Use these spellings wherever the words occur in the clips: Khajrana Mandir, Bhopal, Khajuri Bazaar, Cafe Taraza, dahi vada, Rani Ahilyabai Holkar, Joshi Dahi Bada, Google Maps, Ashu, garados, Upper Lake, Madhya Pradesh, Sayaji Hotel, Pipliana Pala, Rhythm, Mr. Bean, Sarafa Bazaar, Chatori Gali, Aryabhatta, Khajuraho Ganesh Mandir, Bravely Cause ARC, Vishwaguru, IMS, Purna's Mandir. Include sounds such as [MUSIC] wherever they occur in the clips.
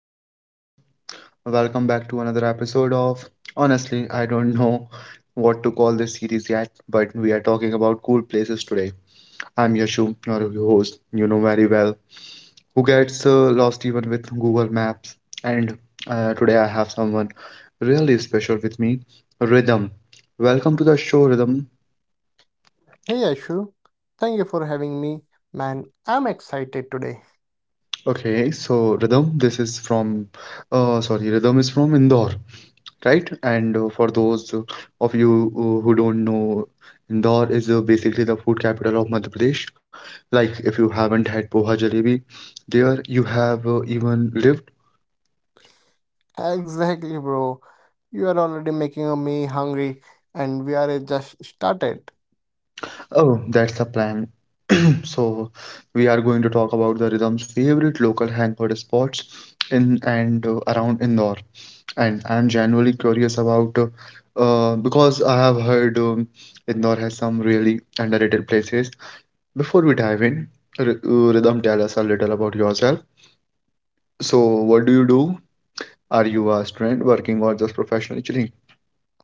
up, everyone? Welcome back to another episode of, honestly, I don't know what to call this series yet, but we are talking about cool places today. I'm Yashu, your host, you know very well, who gets lost even with Google Maps. And today I have someone really special with me, Rhythm. Welcome to the show, Rhythm. Hey Ashu, thank you for having me. Man, I'm excited today. Okay, so Rhythm, this is from, sorry, Rhythm is from Indore. Right? And for those of you who don't know, Indore is basically the food capital of Madhya Pradesh. Like, if you haven't had poha jalebi there, you have even lived. Exactly, bro. You are already making me hungry, and we are just started. Oh, that's the plan. [CLEARS THROAT] So, we are going to talk about the Rhythm's favorite local hangout spots in and around Indore. And I'm genuinely curious about because I have heard Indore has some really underrated places. Before we dive in, Ridham, tell us a little about yourself. So, what do you do? Are you a student working or just professionally chilling?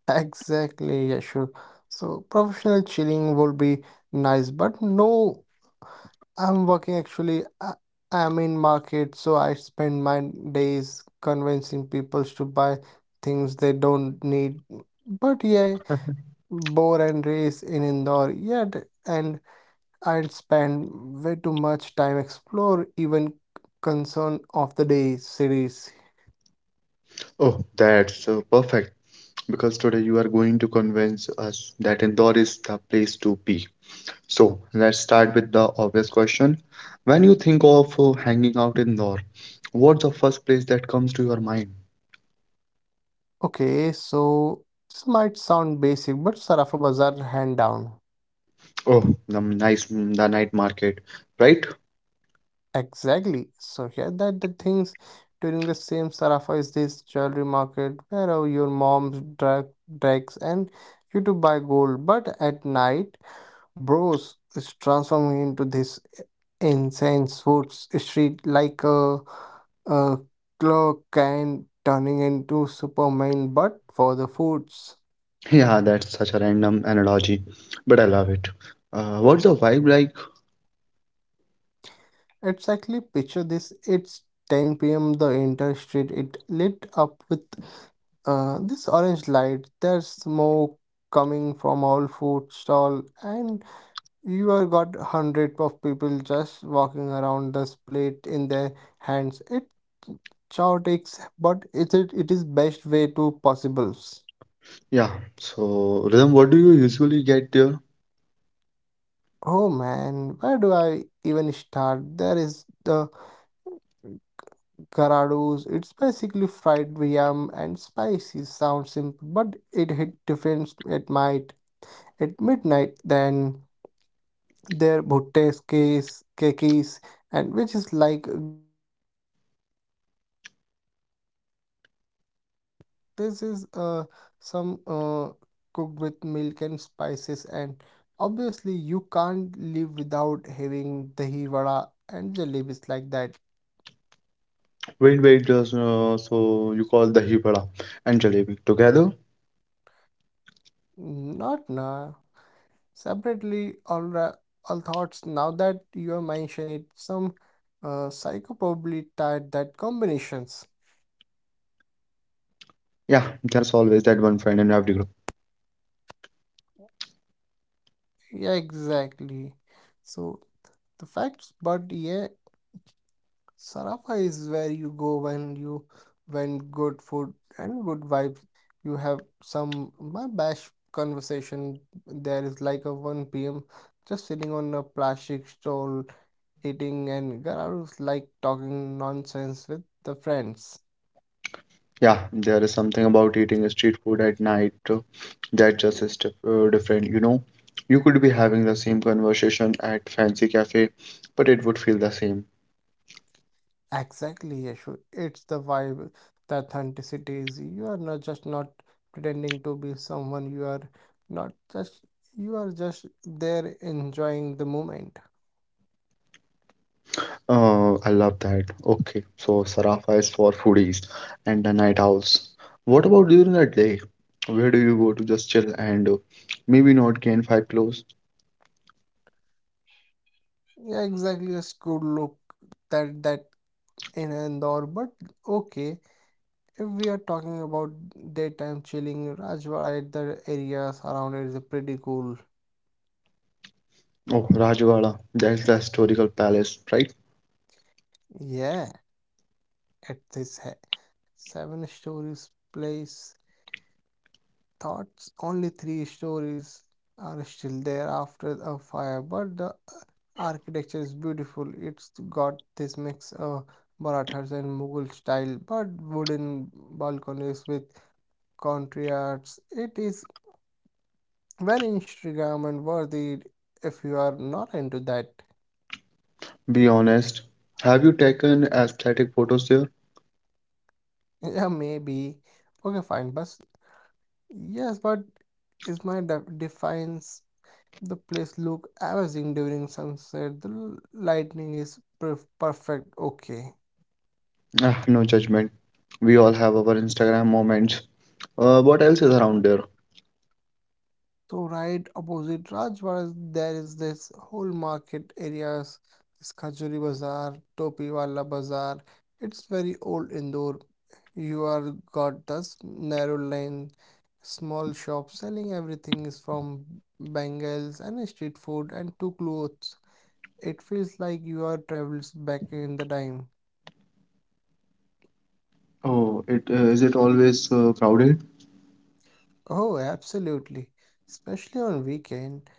Exactly, Yashu. So professional chilling would be nice, but no, I'm working actually. I'm in market, so I spend my days convincing people to buy things they don't need. But yeah, bore and race in Indore, yeah, and I spend way too much time explore even concern of the day cities. Oh, that's perfect because today you are going to convince us that Indore is the place to be. So, let's start with the obvious question. When you think of hanging out in Indore, what's the first place that comes to your mind? Okay, so this might sound basic, but Sarafa Bazaar hand down. Oh, the the night market, right? Exactly. So here that the things during the same Sarafa is this jewelry market where your mom drug drags and you to buy gold. But at night, bros is transforming into this incense woods street like a clock and turning into Superman but for the foods. Yeah, that's such a random analogy, but I love it. What's the vibe like? Exactly, picture this, it's 10 p.m., the entire street it lit up with this orange light, there's smoke coming from all food stall, and you are got hundred of people just walking around this plate in their hands. It chaotics, but it is best way to possibles. Yeah. So, Rhythm, what do you usually get there? Oh man, where do I even start? There is the garados. It's basically fried yam and spicy. Sounds simple, but it hit different at night at midnight then. Their bhuttes, case, kekis, and which is like, this is some cooked with milk and spices, and obviously you can't live without having dahi vada and jalebis like that. Wait, wait, just so you call the vada and jalebi together? Not now. Separately, all thoughts. Now that you have mentioned it, some psycho probably tied that combinations. Yeah, there's always that one friend in every group. Yeah, exactly. So the facts, but yeah, Sarafa is where you go when you, when good food and good vibes. You have some my bash conversation. There is like a 1 p.m. just sitting on a plastic stool eating and Gararu's like talking nonsense with the friends. Yeah, there is something about eating street food at night that just is different, you know. You could be having the same conversation at fancy cafe, but it would feel the same. Exactly, Yashu. It's the vibe, the authenticity is you are not just not pretending to be someone you are not, just you are just there enjoying the moment. Oh, I love that. Okay, so Sarafa is for foodies and the night owls. What about during the day? Where do you go to just chill and maybe not gain five clothes? Yeah, exactly. A good look that in Indore, but okay. If we are talking about daytime chilling, Rajwada, the area surrounded is pretty cool. Oh, Rajwada, that's the historical palace, right? Yeah, at seven stories place, thoughts only three stories are still there after a fire, but the architecture is beautiful. It's got this mix of Marathas and Mughal style, but wooden balconies with country arts. It is very Instagram and worthy if you are not into that. Be honest. Have you taken aesthetic photos there? Yeah, maybe. Okay, fine. But yes, but defines the place look amazing during sunset. The lightning is perfect. Okay. Ah, no judgment. We all have our Instagram moments. What else is around there? So right opposite Rajwadas, there is this whole market areas, this Khajuri Bazaar, Topiwala Bazaar. It's very old Indore. You are got this narrow lane, small shop selling everything is from bangles and street food and to clothes. It feels like you are travels back in the time. Oh, it is it always crowded? Oh, absolutely. Especially on weekend,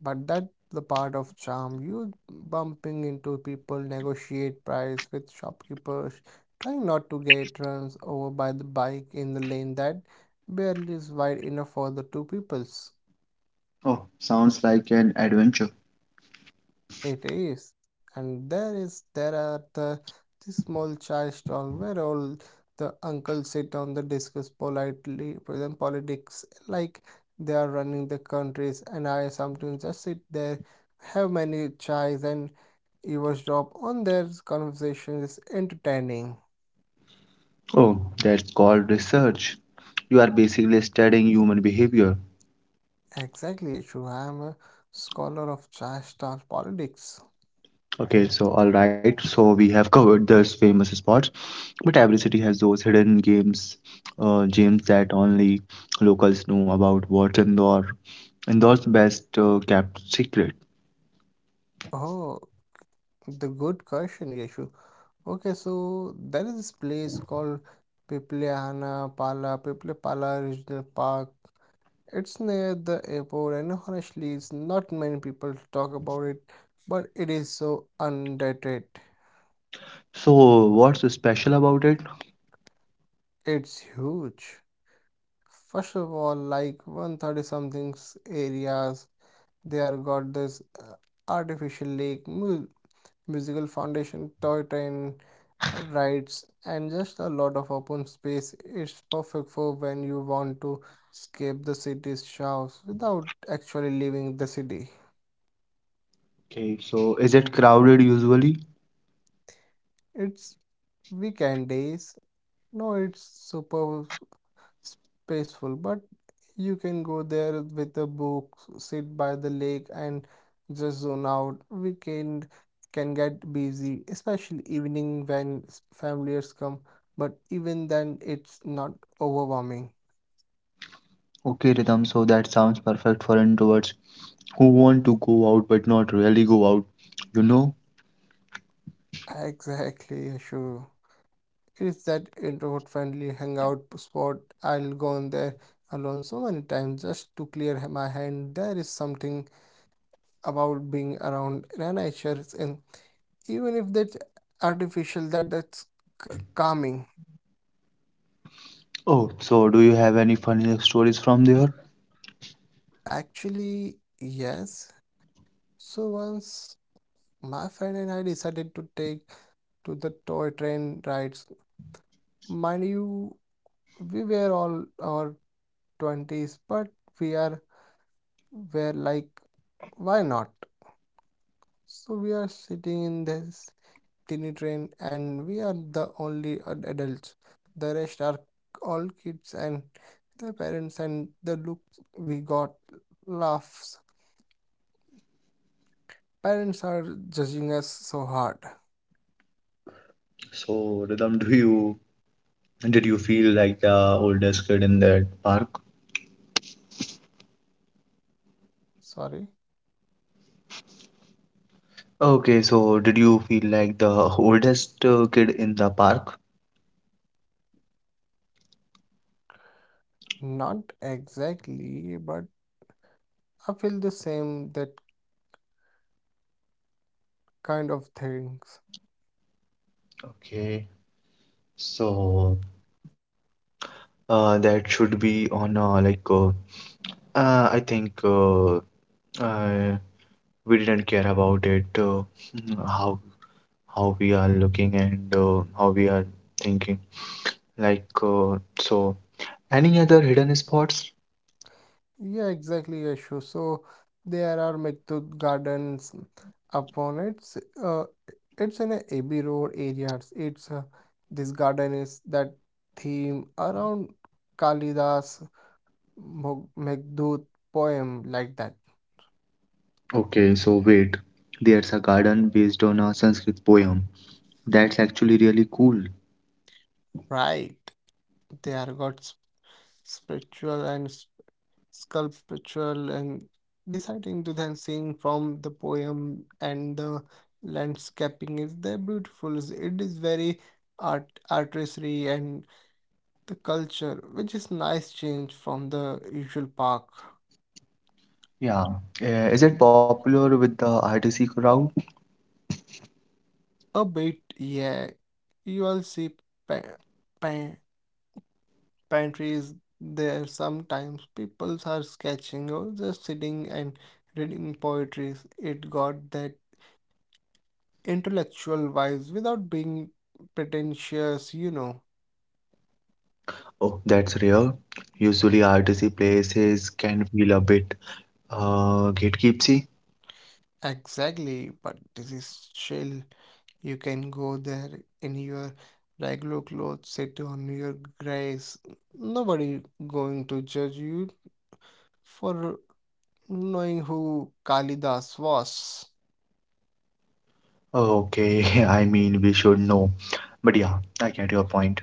but that the part of charm, you bumping into people, negotiate price with shopkeepers, trying not to get runs over by the bike in the lane that barely is wide enough for the two peoples. Oh, sounds like an adventure. It is, and there are the, this small chai stall where all the uncles sit on the discuss politely present politics like they are running the countries, and I sometimes just sit there, have many chais and eavesdrop on their conversation is entertaining. Oh, that's called research. You are basically studying human behavior. Exactly, true. I am a scholar of Chashtar politics. Okay, so all right, so we have [LAUGHS] covered those famous spots, but every city has those hidden gems that only locals know about. What's Indore? Indore's best kept secret. Oh, the good question, Yeshu. Okay, so there is this place called Pipliana Pala, Pala Regional Park. It's near the airport, and honestly, it's not many people talk about it, but it is so underrated. So, what's special about it? It's huge. First of all, like 130 something areas. They are got this artificial lake, musical foundation, toy train rides, and just a lot of open space. It's perfect for when you want to escape the city's shouts without actually leaving the city. Okay, so is it crowded usually? It's weekend days. No, it's super spaceful, but you can go there with a book, sit by the lake and just zone out. Weekend can get busy, especially evening when familiars come, but even then it's not overwhelming. Okay, Rhythm, so that sounds perfect for introverts who want to go out but not really go out. You know, Exactly, Yashu. It's that introvert friendly hangout spot. I'll go on there alone so many times just to clear my hand. There is something about being around nature in, even if that artificial that's calming. Oh, so do you have any funny stories from there? Actually, yes. So once my friend and I decided to take to the toy train rides. Mind you, we were all our 20s, but we are, were like, why not. So we are sitting in this tiny train, and we are the only adults. The rest are all kids and their parents, and the look we got, laughs. Parents are judging us so hard. So, Rhythm, do you did you feel like the oldest kid in that park? Sorry, Okay, so did you feel like the oldest kid in the park? not exactly, but I feel the same, that kind of things. Okay, so that should be on like I think uh, we didn't care about it mm, how how we are looking and how we are thinking like so any other hidden spots? Yeah, exactly, Yashu. So there are Meghdoot Gardens upon it's, uh it's in a Abbey Road areas. It's this garden is that theme around Kalidas Meghdoot poem like that. Okay, so wait. There's a garden based on a Sanskrit poem. That's actually really cool. Right. They are got spiritual and sculptural and deciding to then sing from the poem, and the landscaping is there beautiful, it is very artistry and the culture, which is nice change from the usual park. Yeah. Is it popular with the RTC crowd? A bit, yeah, you all see pa- pa- pantries there, sometimes people are sketching or just sitting and reading poetry. It got that intellectual wise without being pretentious, you know. Oh, that's rare. Usually RTC places can feel a bit gatekeepsy. Exactly, but this is chill. You can go there in your regular clothes, sit on your grace. Nobody going to judge you for knowing who Kalidas was. Okay, [LAUGHS] I mean, we should know. But yeah, I get your point.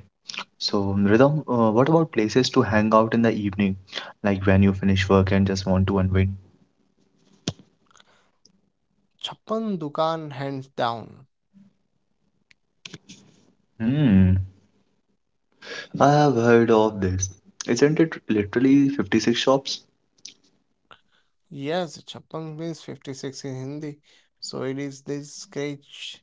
So, Rhythm, what about places to hang out in the evening? Like when you finish work and just want to unwind? Chappan Dukan hands down. Hmm, I have heard of this. Isn't it literally 56 shops? Yes, Chappan means 56 in Hindi. So it is this sketch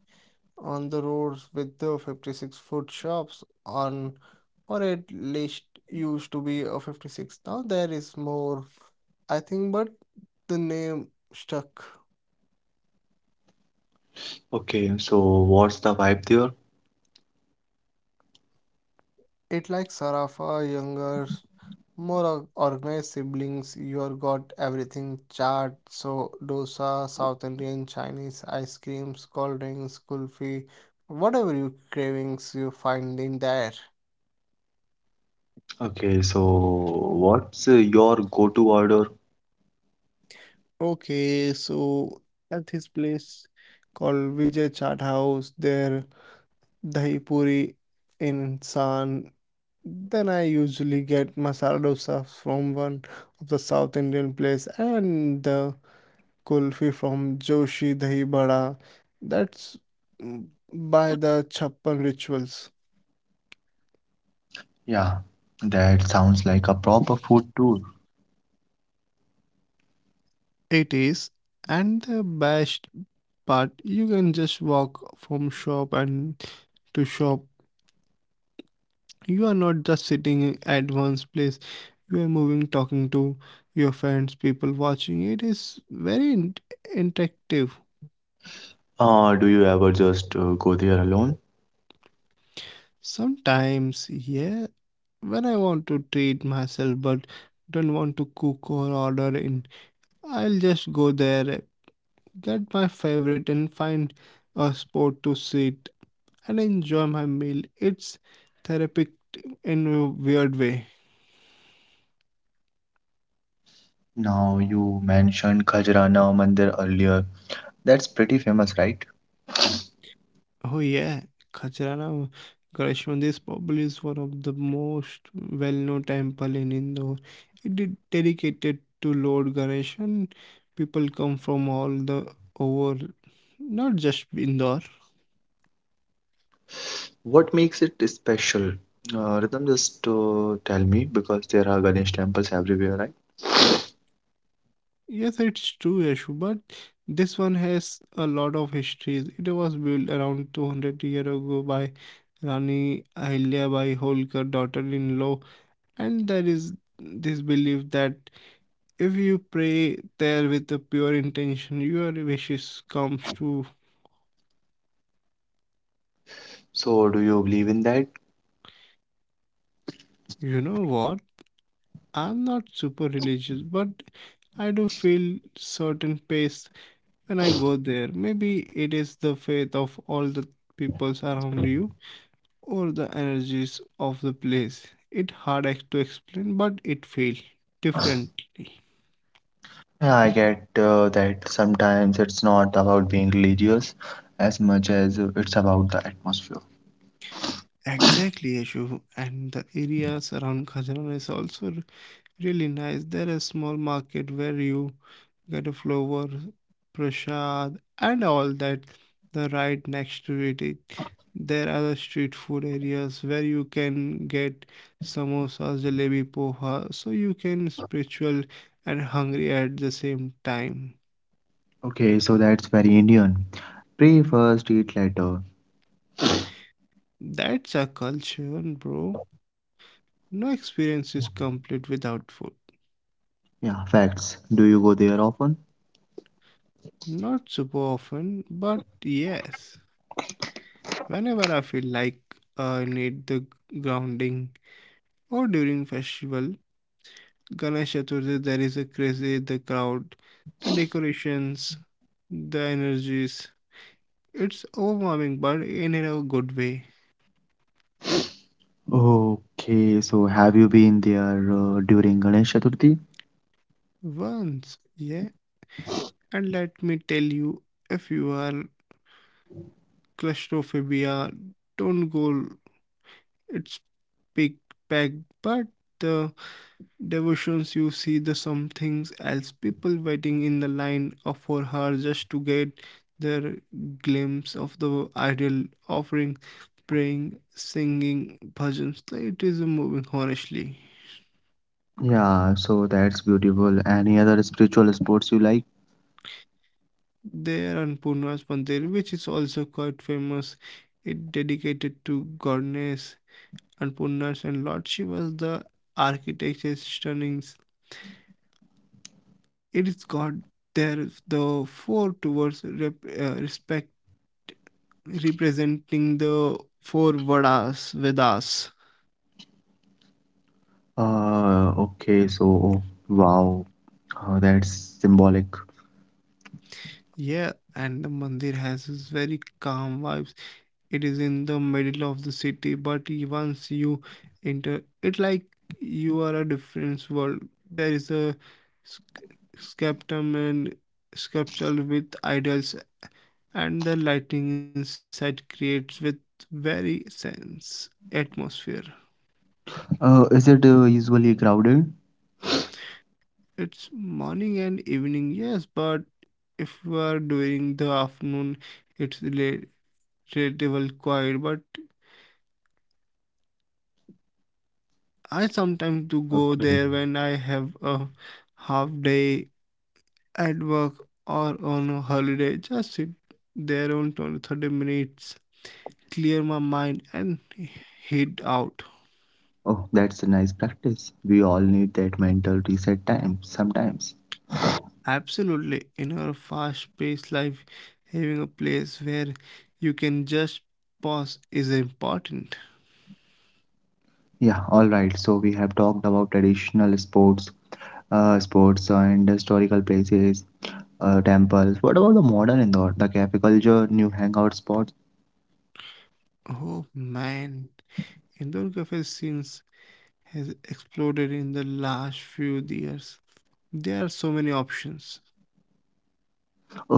on the roads with the 56-foot shops on, or at least used to be a 56, now there is more I think, but the name stuck. Okay, so what's the vibe there? It like Sarafa younger, more organized siblings. You got everything, chaat, so dosa, south indian, chinese, ice creams, cold drinks, kulfi, whatever you cravings you find in there. Okay, so what's your go-to order? Okay, so at this place called Vijay Chat House, there dahi puri in San. Then I usually get masala dosa from one of the South Indian place and the kulfi from Joshi Dahi Bada. That's, mm, by the Chappan rituals. Yeah, that sounds like a proper food tour. It is, and the best part, you can just walk from shop and to shop, you are not just sitting at one's place, you are moving, talking to your friends, people watching. It is very interactive. Do you ever just go there alone? Sometimes, yeah, when I want to treat myself but don't want to cook or order in, I'll just go there, get my favorite and find a spot to sit and enjoy my meal. It's therapeutic in a weird way. Now you mentioned Khajrana Mandir earlier. That's pretty famous, right? Oh yeah, Khajuraho Ganesh Mandir is probably is one of the most well-known temple in Indore. It is dedicated to Lord Ganesh, and people come from all the over, not just Indore. What makes it special? Rhythm, just tell me because there are Ganesh temples everywhere, right? Yes, it's true, Yashu, but this one has a lot of histories. It was built around 200 years ago by Rani Ahilyabai Holkar, daughter-in-law. And there is this belief that if you pray there with a pure intention, your wishes comes to. So, do you believe in that? You know what? I'm not super religious, but I do feel certain pace when I go there. Maybe it is the faith of all the people around you or the energies of the place. It hard to explain, but it feels differently. Yeah, I get that sometimes it's not about being religious as much as it's about the atmosphere. Exactly, Yashu. And the areas around Khajiran is also really nice. There is small market where you get a flower, prasad, and all that. The right next to it, there are the street food areas where you can get samosas, jalebi, poha, so you can spiritual and hungry at the same time. Okay, so that's very Indian. Pray first, eat later. That's a culture, bro. No experience is complete without food. Yeah, facts. Do you go there often? Not super often, but yes. Whenever I feel like I need the grounding or during festival, Ganesh Chaturthi there is a crazy, the crowd, the decorations, the energies. It's overwhelming but in a good way. Okay, so have you been there during Ganesh Chaturthi? Once, yeah. And let me tell you, if you are claustrophobia, don't go. It's big packed, but the devotions, you see the something else. People waiting in the line of for her just to get their glimpse of the ideal offering, praying, singing bhajans. It is moving, honestly. Yeah, so that's beautiful. Any other spiritual sports you like? There and Purna's Mandir, which is also quite famous, it dedicated to goddess Annapurna's and Lord. She was the architect's stunning. It is God. There the four towards rep, respect, representing the four Vedas, Vedas. Okay, so oh, wow, that's symbolic. Yeah, and the mandir has this very calm vibes. It is in the middle of the city, but once you enter, it like you are a different world. There is a sceptum and sculpture with idols, and the lighting inside creates with very sense atmosphere. Is it usually crowded? It's morning and evening, yes, but if you are doing the afternoon, it's relatively quiet. But I sometimes Okay. do go there when I have a half day at work or on a holiday. Just sit there on 20, 30 minutes, clear my mind, and head out. Oh, that's a nice practice. We all need that mental reset time sometimes. Absolutely, in our fast paced life, having a place where you can just pause is important. Yeah, all right. So we have talked about traditional sports and historical places. Temples. What about the modern Indore, the cafe culture, new hangout spots? Oh man, indoor cafe scenes has exploded in the last few years. There are so many options.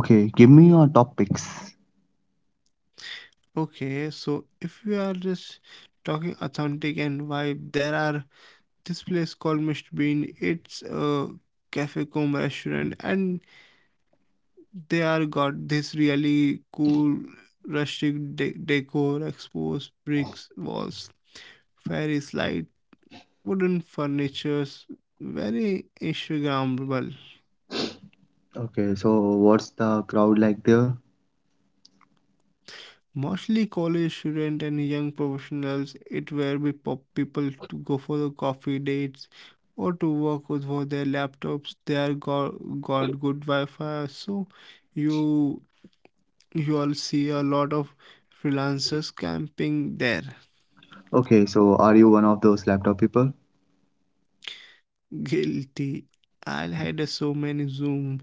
Okay, give me your top picks. Okay, so if we are just talking authentic and vibe, there are this place called Mr. Bean. It's a cafe cum restaurant, and they are got this really cool rustic decor, exposed bricks walls, fairy light. Wooden furnitures, very Instagrammable. Okay, so what's the crowd like there? Mostly college students and young professionals, it where we pop people to go for the coffee dates or to work with for their laptops. They are got good Wi-Fi, so you you all see a lot of freelancers camping there. Okay, so are you one of those laptop people? Guilty. I had so many Zoom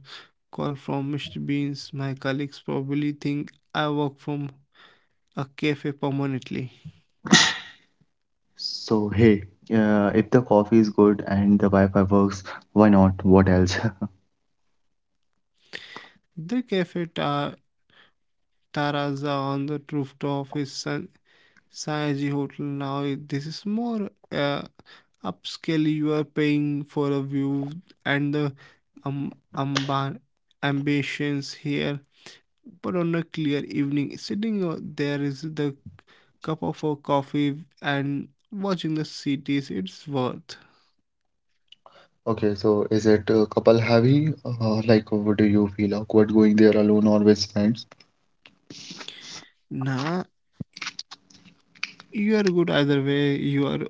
call from Mr. Beans. My colleagues probably think I work from a cafe permanently. So hey, if the coffee is good and the Wi-Fi works, why not? What else? [LAUGHS] The Taraza on the rooftop is Sayaji Hotel. Now, it this is more upscale. You are paying for a view and the amban ambitions here. But on a clear evening, sitting there is the cup of a coffee and watching the cities. It's worth. Okay, so is it couple heavy? Like, what do you feel awkward going there alone or with friends? Nah, you are good either way. You are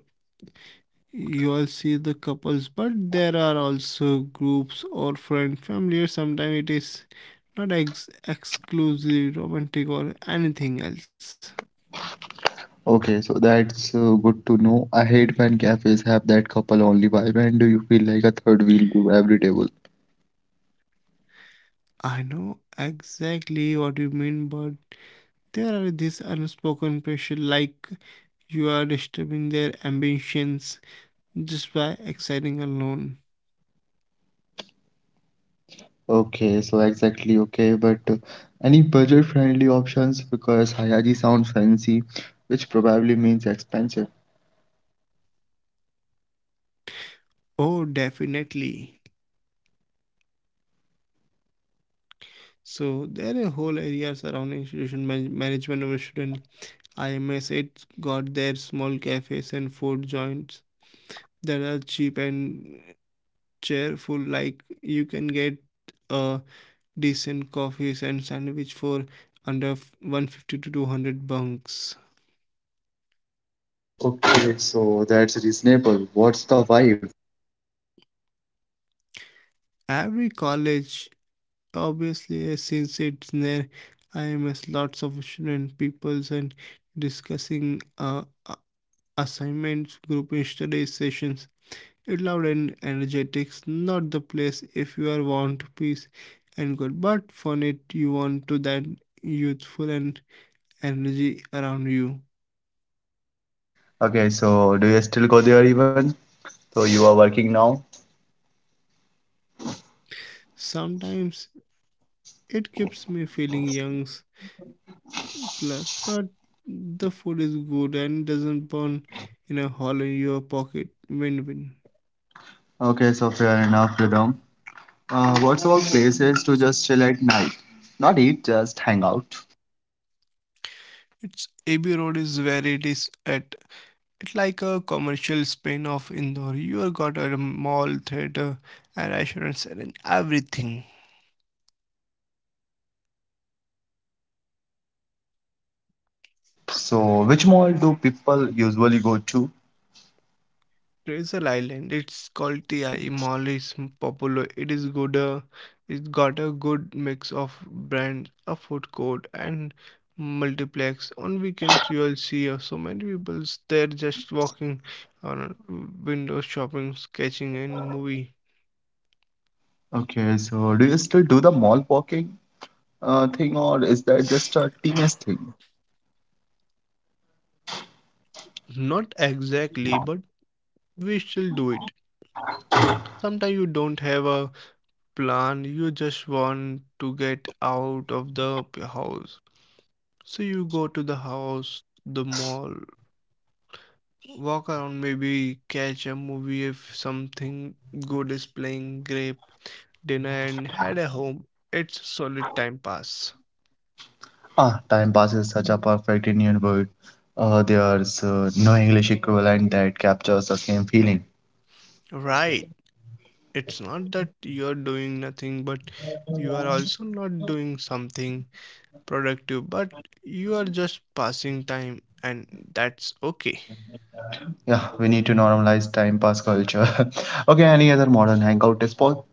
you all see the couples, but there are also groups or friend family. Sometimes it is not exclusively romantic or anything else. Okay, so that's good to know. I hate when cafes have that couple only vibe, and do you feel like a third wheel to every table? I know exactly what you mean, but there are these unspoken pressure like you are disturbing their ambitions just by exciting alone. Okay, so exactly okay, but any budget-friendly options because Hayaji sounds fancy, which probably means expensive. Oh definitely. So there are whole areas surrounding institution management of a student. IMS it got their small cafes and food joints that are cheap and cheerful. Like you can get uh decent coffees and sandwich for under 150 to 200 bunks. Okay, so that's reasonable. What's the vibe? Every college obviously since it's near IMS lots of student peoples and discussing assignments, group study sessions. It loud and energetic's not the place if you are want peace and good, but for it you want to that youthful and energy around you. Okay, so do you still go there even? So you are working now? Sometimes it keeps me feeling young plus, but the food is good and doesn't burn in a hole in your pocket. Win win. Okay, so fair enough, Rhythm. What's about places to just chill at night? Not eat, just hang out. It's AB Road is where it is at. It's like a commercial spin of Indore. You got a mall, theater, and restaurants and everything. So which mall do people usually go to? Treasure Island. It's called Ti Mall. It's popular. It is good. It's got a good mix of brands, a food court, and multiplex. On weekends, you'll see so many people there just walking on window shopping, sketching, and movie. Okay, so do you still do the mall walking, thing, or is that just a teenage thing? Not exactly, but we still do it. Sometimes you don't have a plan. You just want to get out of the house. So you go to the house, the mall, walk around, maybe catch a movie if something good is playing, grape dinner and head a home. It's solid time pass. Ah, time passes such a perfect Indian word. There's no English equivalent that captures the same feeling. Right. It's not that you're doing nothing, but you are also not doing something productive, but you are just passing time, and that's okay. Yeah, we need to normalize time pass culture. [LAUGHS] Okay, any other modern hangout is Paul?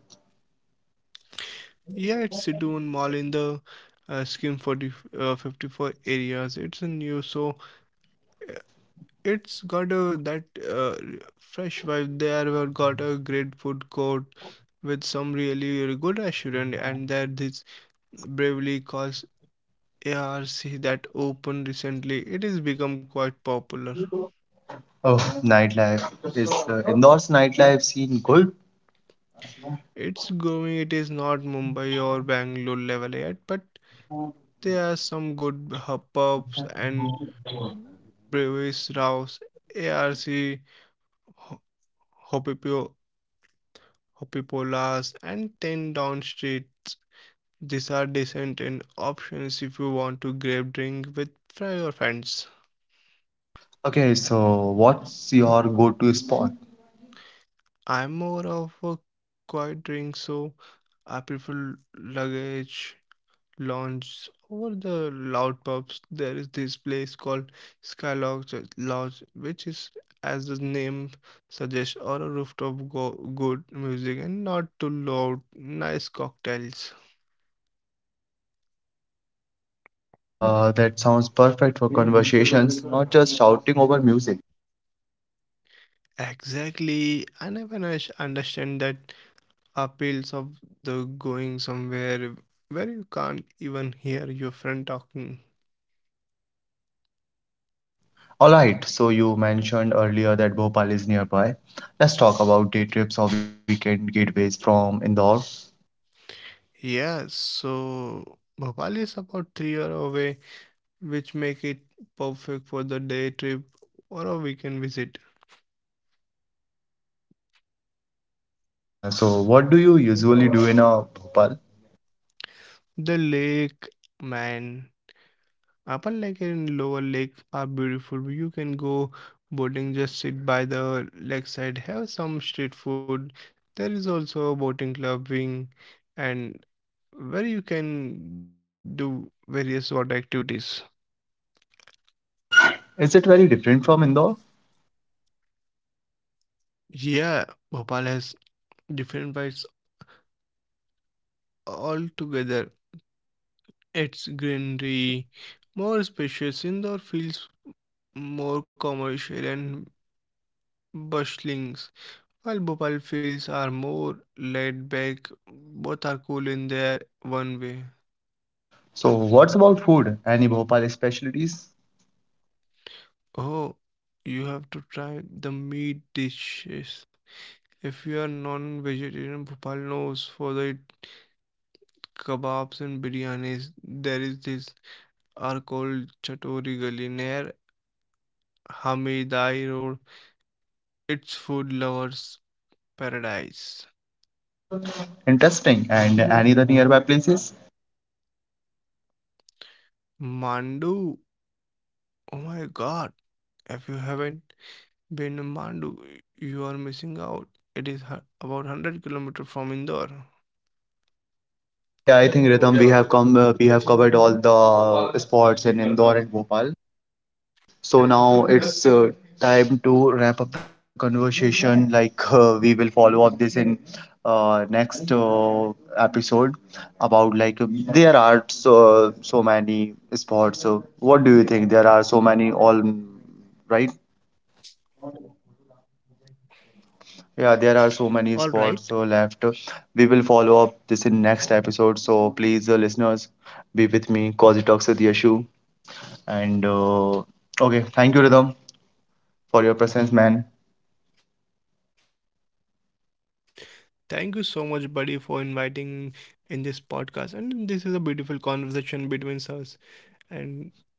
Yeah, it's Sidon Mall in the Scheme 40, 54 areas. It's a new so it's got a that fresh vibe there. We've got a great food court with some really, really good restaurant, and there this Bravely Cause ARC that opened recently. It has become quite popular. Oh, nightlife. Is indoors nightlife scene good? It's growing. It is not Mumbai or Bangalore level yet, but there are some good hub pubs and breweries. Rao's ARC, Ho- Hopipio, Hopipolas, and Ten Down Street. These are decent in options if you want to grab drink with your friends. Okay, so what's your go-to spot? I'm more of a quiet drink, so I prefer luggage lounge over the loud pubs. There is this place called Lodge, which is, as the name suggests, or a rooftop go good music and not too loud, nice cocktails. That sounds perfect for conversations, not just shouting over music. Exactly, I never understand that appeals of the going somewhere where you can't even hear your friend talking. All right, so you mentioned earlier that Bhopal is nearby. Let's talk about day trips or weekend gateways from Indore. Yeah, so Bhopal is about 3 hours away, which make it perfect for the day trip or a weekend visit. So, what do you usually do in a Bhopal? The lake, man, Upper Lake and Lower Lake are beautiful. You can go boating, just sit by the lakeside, have some street food. There is also a boating club wing and where you can do various water activities. Is it very different from Indore? Yeah, Bhopal has different vibes altogether. Its greenery, more spacious indoor fields, more commercial and bustlings, while Bhopal fields are more laid back. Both are cool in their one way. So, what's about food? Any Bhopal specialties? Oh, you have to try the meat dishes. If you are non-vegetarian, Bhopal knows for it kebabs and biryanis. There is this are called Chatori Gali near Hamidai Road. It's food lovers' paradise. Interesting. And any the nearby places? Mandu, oh my god! If you haven't been to Mandu, you are missing out. It is about 100 kilometers from Indore. Okay, I think Ritam, we have covered all the spots in Indore and Bhopal. So now it's time to wrap up the conversation. Like we will follow up this in next episode about like there are so many sports. So what do you think? There are so many all right? Yeah, there are so many sports left. All right. We will follow up this in next episode. So please, listeners, be with me. Cause it talks with Yashu. And okay, thank you, Rhythm, for your presence, man. Thank you so much, buddy, for inviting in this podcast. And this is a beautiful conversation between us. And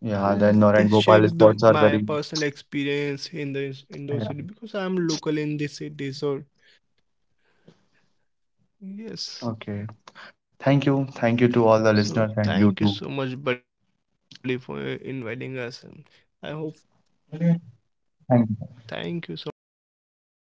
Yeah, the I'll Ennore and just share Bhopal the spots are my very. personal experience in the in those Yeah. city because I'm local in this city. So yes. Okay. Thank you. Thank you to all the So listeners and thank you you so too. much, buddy, for inviting us, and I hope Thank thank you so much, buddy. you.